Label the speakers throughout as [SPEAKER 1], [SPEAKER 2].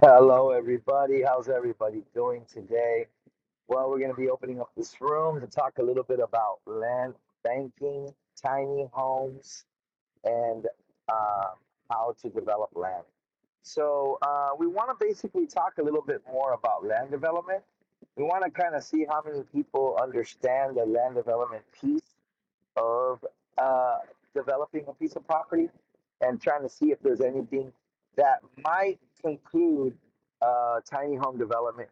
[SPEAKER 1] Hello, everybody. How's everybody doing today? Well, we're going to be opening up this room to talk a little bit about land banking, tiny homes, and uh, how to develop land. So, uh, we want to basically talk a little bit more about land development. We want to kind of see how many people understand the land development piece of uh, developing a piece of property and trying to see if there's anything that might conclude uh, tiny home development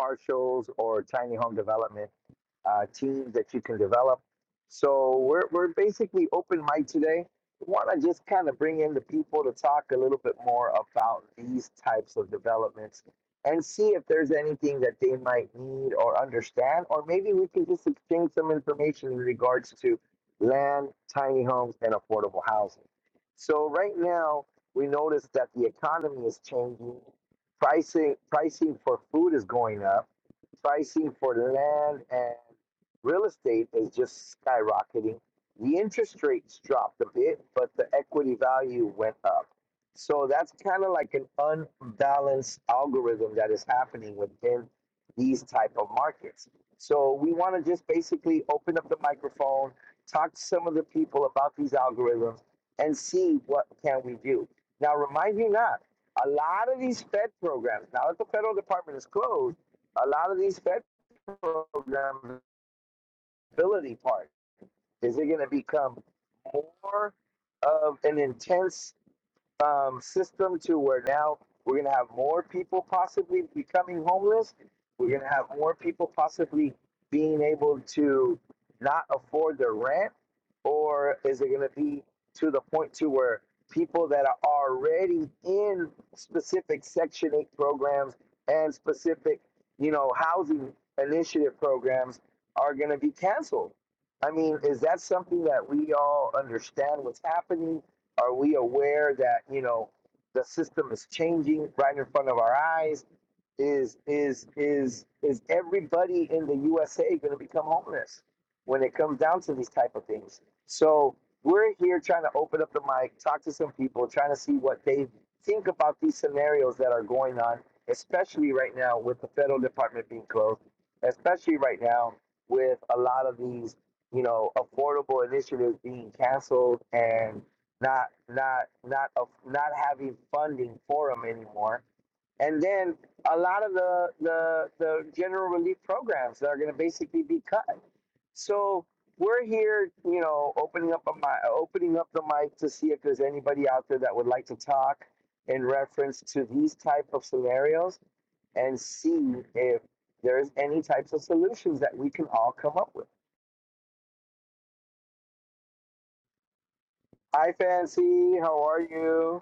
[SPEAKER 1] partials or tiny home development uh, teams that you can develop. So we're, we're basically open mic today. We Want to just kind of bring in the people to talk a little bit more about these types of developments and see if there's anything that they might need or understand, or maybe we can just exchange some information in regards to land, tiny homes, and affordable housing. So right now, we notice that the economy is changing. Pricing pricing for food is going up. Pricing for land and real estate is just skyrocketing. The interest rates dropped a bit, but the equity value went up. So that's kind of like an unbalanced algorithm that is happening within these type of markets. So we want to just basically open up the microphone talk to some of the people about these algorithms and see what can we do. Now, remind you not, a lot of these Fed programs, now that the federal department is closed, a lot of these Fed program ability part is it going to become more of an intense um, system to where now we're going to have more people possibly becoming homeless. We're going to have more people possibly being able to not afford their rent, or is it going to be to the point to where people that are already in specific Section Eight programs and specific, you know, housing initiative programs are going to be canceled? I mean, is that something that we all understand what's happening? Are we aware that you know the system is changing right in front of our eyes? Is is is is everybody in the USA going to become homeless when it comes down to these type of things? So we're here trying to open up the mic, talk to some people, trying to see what they think about these scenarios that are going on, especially right now with the federal department being closed, especially right now with a lot of these you know, affordable initiatives being canceled and not not not of not having funding for them anymore. And then a lot of the the the general relief programs that are going to basically be cut. So we're here, you know, opening up a mi- opening up the mic to see if there's anybody out there that would like to talk in reference to these type of scenarios and see if there's any types of solutions that we can all come up with. Hi, Fancy. How are you?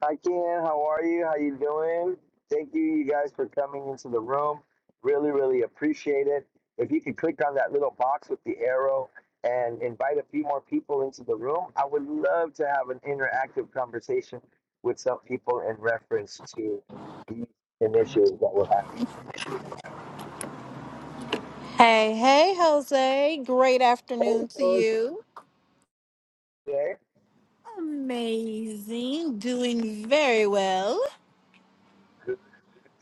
[SPEAKER 1] Hi, Ken. How are you? How you doing? Thank you, you guys, for coming into the room. Really, really appreciate it. If you could click on that little box with the arrow and invite a few more people into the room, I would love to have an interactive conversation with some people in reference to these initiatives that we're having.
[SPEAKER 2] Hey, hey, Jose. Great
[SPEAKER 1] Hey,
[SPEAKER 2] afternoon to
[SPEAKER 1] George,
[SPEAKER 2] you.
[SPEAKER 1] okay.
[SPEAKER 2] Amazing. Doing very well.
[SPEAKER 1] Good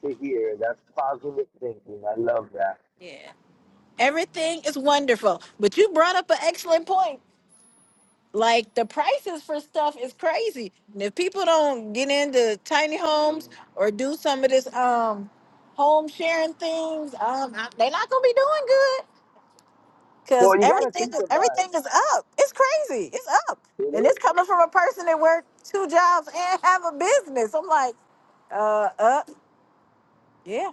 [SPEAKER 1] to hear. That's positive thinking. I love that.
[SPEAKER 2] Yeah. Everything is wonderful. But you brought up an excellent point. Like the prices for stuff is crazy. And if people don't get into tiny homes or do some of this um home sharing things, um I- they're not gonna be doing good. Cause
[SPEAKER 1] Well, you got to
[SPEAKER 2] everything
[SPEAKER 1] think
[SPEAKER 2] is
[SPEAKER 1] about
[SPEAKER 2] everything
[SPEAKER 1] it.
[SPEAKER 2] is up. It's crazy. It's up.
[SPEAKER 1] It
[SPEAKER 2] And
[SPEAKER 1] is.
[SPEAKER 2] it's coming from a person that worked two jobs and have a business. I'm like, uh uh, yeah.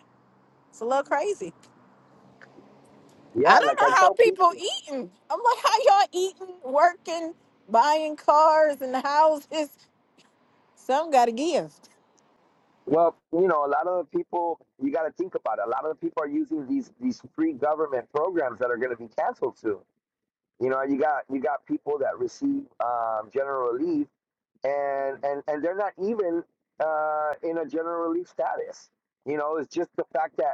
[SPEAKER 2] It's a little crazy. I
[SPEAKER 1] Yeah,
[SPEAKER 2] don't
[SPEAKER 1] like I
[SPEAKER 2] know how
[SPEAKER 1] tell
[SPEAKER 2] people
[SPEAKER 1] people.
[SPEAKER 2] eating. I'm like, how y'all eating, working, buying cars and houses? Some gotta give.
[SPEAKER 1] Well, you know, a lot of the people you got to think about. It. A lot of the people are using these these free government programs that are going to be canceled soon. You know, you got you got people that receive um, general relief, and and and they're not even uh, in a general relief status. You know, it's just the fact that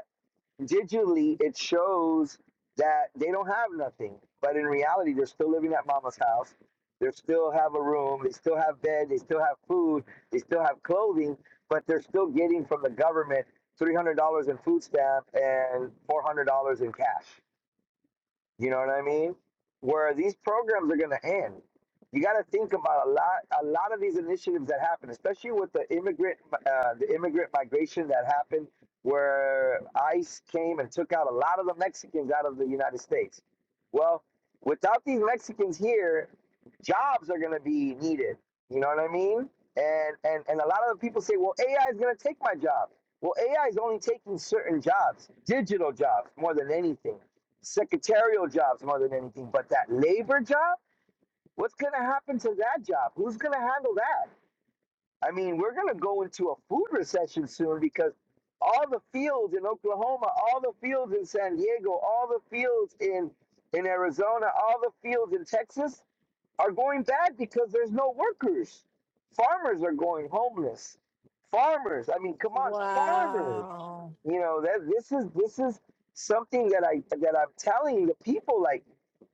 [SPEAKER 1] digitally it shows that they don't have nothing but in reality they're still living at mama's house they still have a room they still have bed they still have food they still have clothing but they're still getting from the government $300 in food stamp and $400 in cash you know what I mean? Where these programs are going to end. You got to think about a lot, a lot of these initiatives that happen, especially with the immigrant, uh, the immigrant migration that happened, where ICE came and took out a lot of the Mexicans out of the United States. Well, without these Mexicans here, jobs are going to be needed. You know what I mean? And and and a lot of the people say, well, AI is going to take my job. Well, AI is only taking certain jobs, digital jobs, more than anything secretarial jobs more than anything. But that labor job, what's going to happen to that job? Who's going to handle that? I mean, we're going to go into a food recession soon because all the fields in Oklahoma, all the fields in San Diego, all the fields in in Arizona, all the fields in Texas, are going bad because there's no workers. Farmers are going homeless. Farmers, I mean, come on, farmers.
[SPEAKER 2] Wow.
[SPEAKER 1] You know that this is this is something that I that I'm telling the people. Like,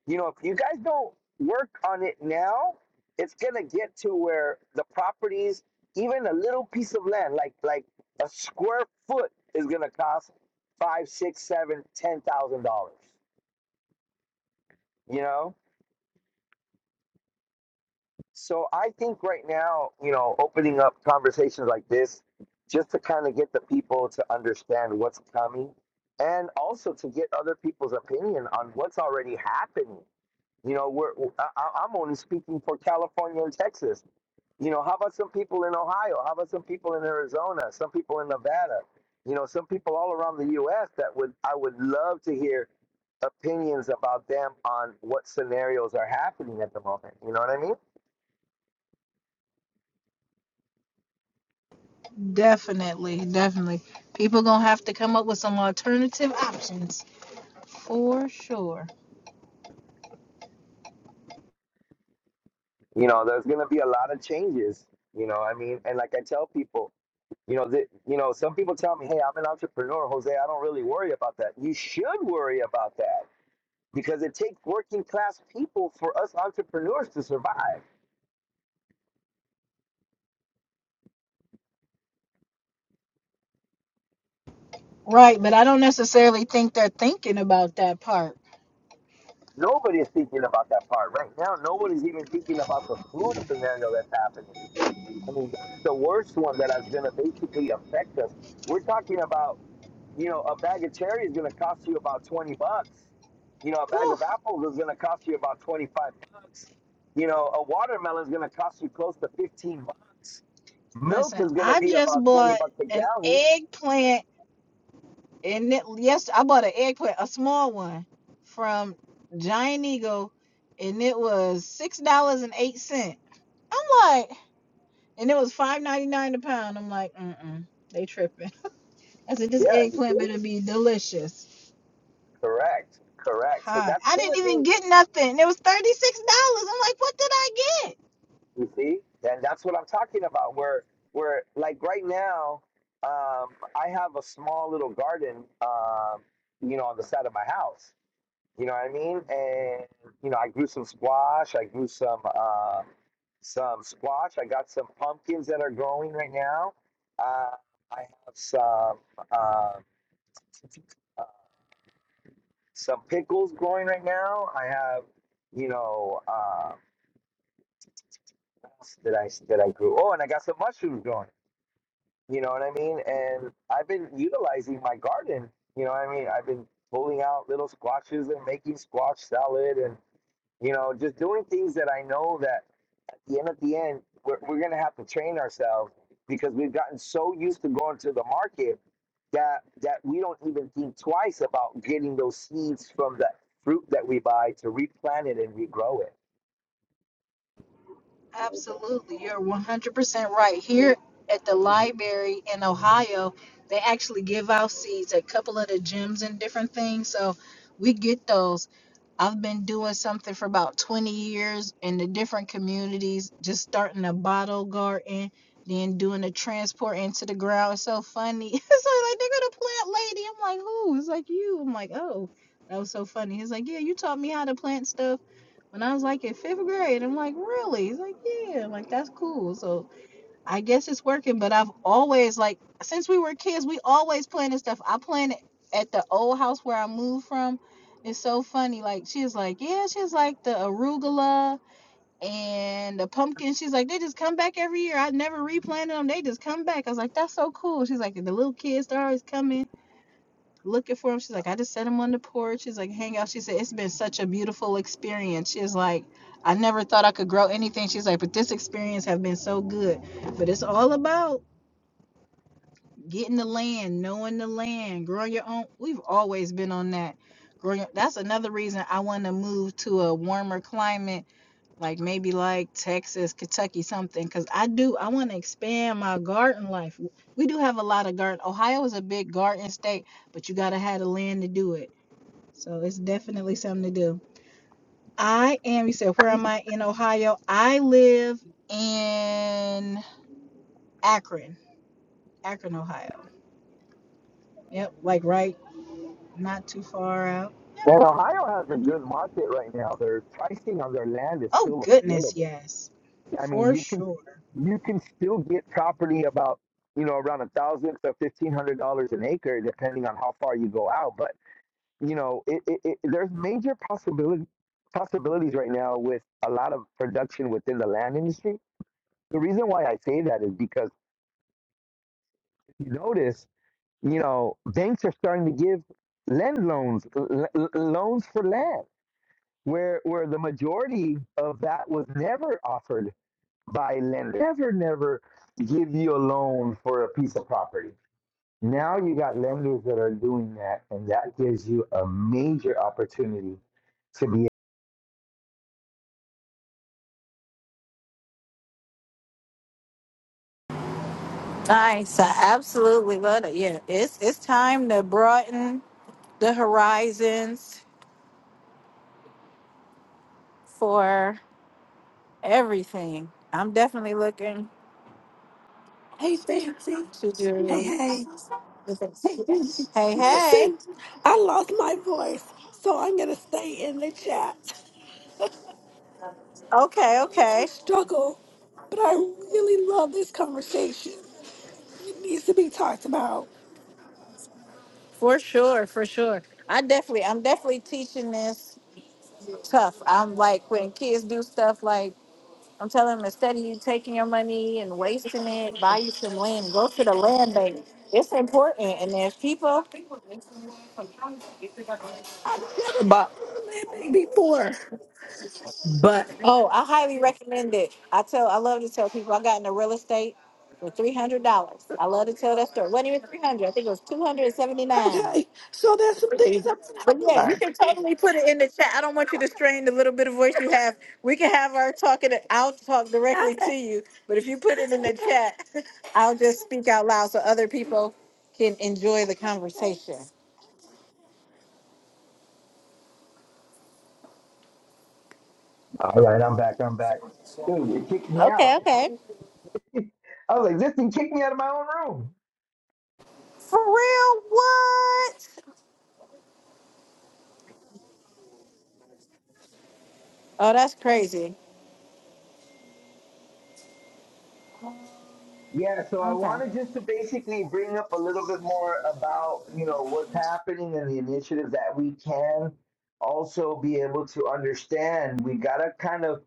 [SPEAKER 1] you know, if you guys don't work on it now, it's gonna get to where the properties, even a little piece of land, like like a square foot, is gonna cost five, six, seven, ten thousand dollars. You know, So I think right now, you know, opening up conversations like this just to kind of get the people to understand what's coming and also to get other people's opinion on what's already happening. You know, we're I, I- I'm only speaking for California and Texas. You know, how about some people in Ohio? How about some people in Arizona? Some people in Nevada? You know, some people all around the US that would I would love to hear opinions about them on what scenarios are happening at the moment. You know what I mean?
[SPEAKER 2] Like people for sure.
[SPEAKER 1] you know there's going to be a lot of changes you know i mean and like i tell people you know that you know some people tell me hey i'm an entrepreneur jose i don't really worry about that you should worry about that because it takes working class people for us entrepreneurs to survive
[SPEAKER 2] Right, but I don't necessarily think they're thinking about that part.
[SPEAKER 1] nobody is thinking about that part right now nobody's even thinking about the food scenario that's happening i mean that's the worst one that is going to basically affect us we're talking about you know, a bag of cherry is going to cost you about 20 bucks. You know, a bag of apples is going to cost you about 25 bucks. You know, a watermelon is going to cost you close to 15 bucks. Milk
[SPEAKER 2] Listen,
[SPEAKER 1] is going to
[SPEAKER 2] I
[SPEAKER 1] be
[SPEAKER 2] just
[SPEAKER 1] about 20
[SPEAKER 2] bought
[SPEAKER 1] bucks a
[SPEAKER 2] an
[SPEAKER 1] gallon.
[SPEAKER 2] eggplant, and it, yes, I bought an eggplant, a small one, from Giant Eagle, and it was six dollars and eight cent. I'm like, and it was five ninety nine a pound. I'm like, mm mm, they tripping. I said, this
[SPEAKER 1] Yeah, you
[SPEAKER 2] eggplant
[SPEAKER 1] see?
[SPEAKER 2] better be delicious.
[SPEAKER 1] Correct. Correct. So
[SPEAKER 2] Hi,
[SPEAKER 1] that's
[SPEAKER 2] I
[SPEAKER 1] going to
[SPEAKER 2] didn't
[SPEAKER 1] be,
[SPEAKER 2] even get nothing. It was thirty six dollars. I'm like, what did I get?
[SPEAKER 1] you see? And that's what I'm talking about. Where, where like right now, um, I have a small little garden, um, you know, on the side of my house You know what I mean? And you know, I grew some squash. I grew some uh, some squash. I got some pumpkins that are growing right now. Uh, I have some uh, uh, some pickles growing right now. I have, you know, uh, what else did I that I grew? Oh, and I got some mushrooms growing. You know what I mean? And I've been utilizing my garden. You know what I mean? I've been pulling out little squashes and making squash salad and you know just doing things that I know that and at the end, we're, we're going to have to train ourselves because we've gotten so used to going to the market that that we don't even think twice about getting those seeds from the fruit that we buy to replant it and regrow it.
[SPEAKER 2] Absolutely. You're 100% right. Here at the library in Ohio, they actually give out seeds at a couple of the gyms and different things. So we get those. I've been doing something for about 20 years in the different communities, just starting a bottle garden, then doing the transport into the ground. It's so funny. It's like they're gonna plant lady. I'm like, who? It's like you. I'm like, oh, that was so funny. He's like, yeah, you taught me how to plant stuff. When I was like in fifth grade. I'm like, really? He's like, yeah. I'm like, that's cool. So I guess it's working. But I've always like since we were kids, we always planning stuff. I planned at the old house where I moved from. It's so funny. Like she's like, yeah, she's like the arugula and the pumpkin. She's like, they just come back every year. I never replanted them. They just come back. I was like, that's so cool. She's like, the little kids, they're always coming looking for him. She's like, I just set him on the porch. She's like, hang out. She said, it's been such a beautiful experience. She's like, I never thought I could grow anything. She's like, but this experience have been so good. But it's all about getting the land, knowing the land, growing your own. We've always been on that. Growing. That's another reason I want to move to a warmer climate, like maybe like Texas, Kentucky, something. Cause I do. I want to expand my garden life. We do have a lot of garden. Ohio is a big garden state, but you gotta have the land to do it so it's definitely something to do. I am, you said, where am I in Ohio? I live in Akron, Akron, Ohio. Yep, like right, not too far out. Yeah,
[SPEAKER 1] Well, Ohio has
[SPEAKER 2] I
[SPEAKER 1] a
[SPEAKER 2] mean,
[SPEAKER 1] good market right now. Their pricing on their land is
[SPEAKER 2] oh
[SPEAKER 1] still
[SPEAKER 2] goodness,
[SPEAKER 1] affordable.
[SPEAKER 2] yes,
[SPEAKER 1] I mean,
[SPEAKER 2] for
[SPEAKER 1] you can
[SPEAKER 2] sure.
[SPEAKER 1] you can still get property about you know around a thousand to fifteen hundred dollars an acre, depending on how far you go out. But you know, it, it, it, there's major possibility possibilities right now with a lot of production within the land industry. The reason why I say that is because if you notice, you know, banks are starting to give land loans, l- l- loans for land, where where the majority of that was never offered by lenders. Never, never give you a loan for a piece of property. Now you got lenders that are doing that, and that gives you a major opportunity to be.
[SPEAKER 2] Nice. I absolutely love it. Yeah, it's it's time to broaden the horizons for everything. I'm definitely looking
[SPEAKER 3] Hey, Fancy.
[SPEAKER 2] to
[SPEAKER 3] Hey,
[SPEAKER 2] do.
[SPEAKER 3] hey. Hey, Fancy.
[SPEAKER 2] Hey, hey.
[SPEAKER 3] Listen, I lost my voice, so I'm going to stay in the chat.
[SPEAKER 2] Okay,
[SPEAKER 3] It's a
[SPEAKER 2] okay.
[SPEAKER 3] struggle, but I really love this conversation. It needs to be talked about.
[SPEAKER 2] For sure, for sure. I definitely, I'm definitely teaching this tough. I'm like when kids do stuff like I'm telling them instead of you taking your money and wasting it, buy you some land. Go to the land bank. It's important, and there's people.
[SPEAKER 3] I've never been But before. but
[SPEAKER 2] Oh, I highly recommend it. I tell, I love to tell people I got into real estate for three hundred dollars. I love to tell that story. It wasn't even three hundred. I think it was two hundred seventy nine.
[SPEAKER 3] Okay, so there's some things I'm going to
[SPEAKER 2] But
[SPEAKER 3] have to
[SPEAKER 2] yeah, you
[SPEAKER 3] learn.
[SPEAKER 2] can totally put it in the chat. I don't want you to strain the little bit of voice you have. We can have our talking. I'll talk directly
[SPEAKER 3] Okay,
[SPEAKER 2] to you. But if you put it in the
[SPEAKER 3] okay,
[SPEAKER 2] chat, I'll just speak out loud so other people can enjoy the
[SPEAKER 3] okay, thanks.
[SPEAKER 2] conversation.
[SPEAKER 1] All right, I'm back. I'm back. Dude, it kicked me out.
[SPEAKER 2] Okay, okay.
[SPEAKER 1] I was like, this thing kicked me out of my own room.
[SPEAKER 2] For real? What? Oh, that's crazy.
[SPEAKER 1] Yeah, so I
[SPEAKER 2] Okay.
[SPEAKER 1] wanted just to basically bring up a little bit more about, you know, what's happening and the initiatives that we can also be able to understand. We got to kind of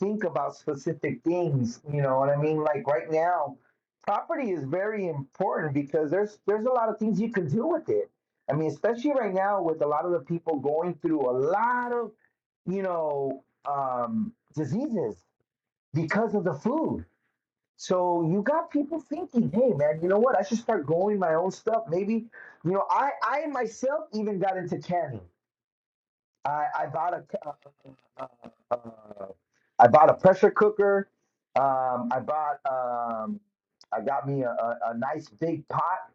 [SPEAKER 1] think about specific things, you know what I mean? Like right now, property is very important because there's there's a lot of things you can do with it. I mean, especially right now with a lot of the people going through a lot of, you know, um diseases because of the food so you got people thinking, hey man, you know what? I should start growing my own stuff. Maybe, you know, I I myself even got into canning. I, I bought a c- uh, uh, uh, I bought a pressure cooker. Um, I bought um, I got me a, a, a nice big pot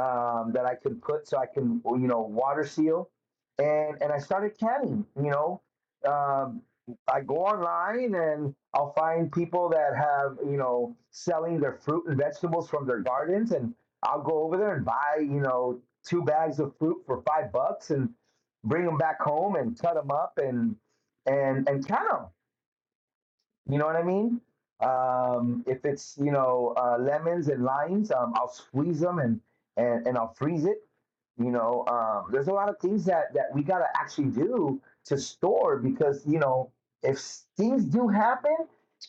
[SPEAKER 1] um, that I can put so I can you know water seal, and and I started canning. You know, um, I go online and I'll find people that have you know selling their fruit and vegetables from their gardens, and I'll go over there and buy you know two bags of fruit for five bucks and bring them back home and cut them up and and and count them. You know what I mean? Um, if it's you know uh, lemons and limes, um, I'll squeeze them and, and and I'll freeze it. You know, um, there's a lot of things that that we gotta actually do to store because you know if things do happen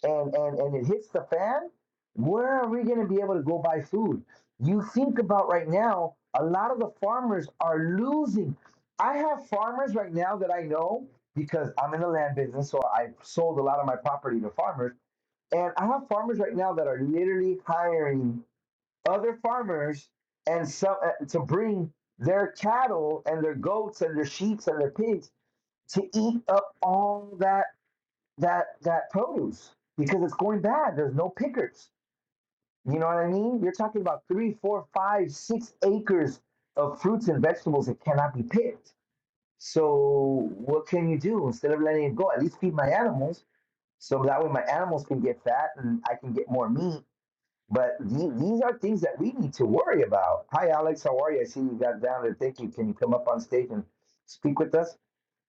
[SPEAKER 1] and and and it hits the fan, where are we gonna be able to go buy food? You think about right now, a lot of the farmers are losing. I have farmers right now that I know because I'm in the land business, so I sold a lot of my property to farmers. And I have farmers right now that are literally hiring other farmers and some uh, to bring their cattle and their goats and their sheep and their pigs to eat up all that that that produce because it's going bad. There's no pickers. You know what I mean? You're talking about three, four, five, six acres of fruits and vegetables that cannot be picked. So what can you do? Instead of letting it go, at least feed my animals so that way my animals can get fat and I can get more meat. But the- these are things that we need to worry about. Hi, Alex. How are you? I see you got down there. Thank you. Can you come up on stage and speak with us?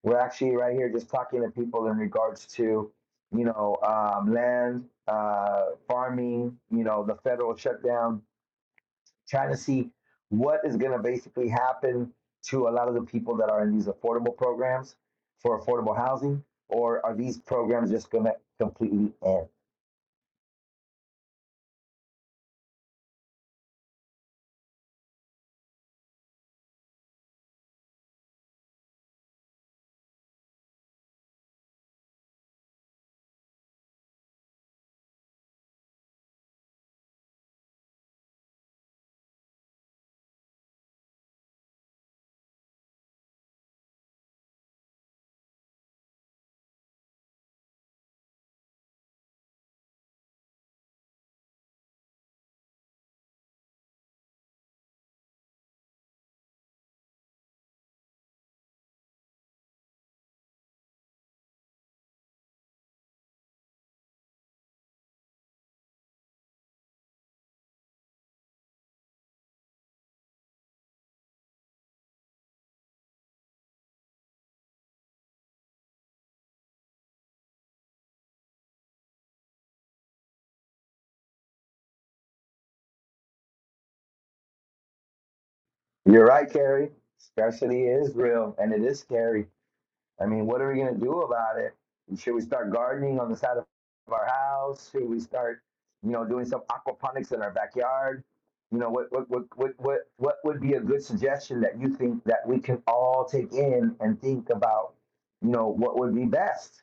[SPEAKER 1] We're actually right here just talking to people in regards to, you know, um, land, uh, farming, you know, the federal shutdown, trying to see what is going to basically happen to a lot of the people that are in these affordable programs for affordable housing, or are these programs just going to completely end? You're right, Carrie. Scarcity is real, and it is scary. I mean, what are we going to do about it? Should we start gardening on the side of our house? Should we start, you know, doing some aquaponics in our backyard? You know, what what what what what, what would be a good suggestion that you think that we can all take in and think about, you know, what would be best?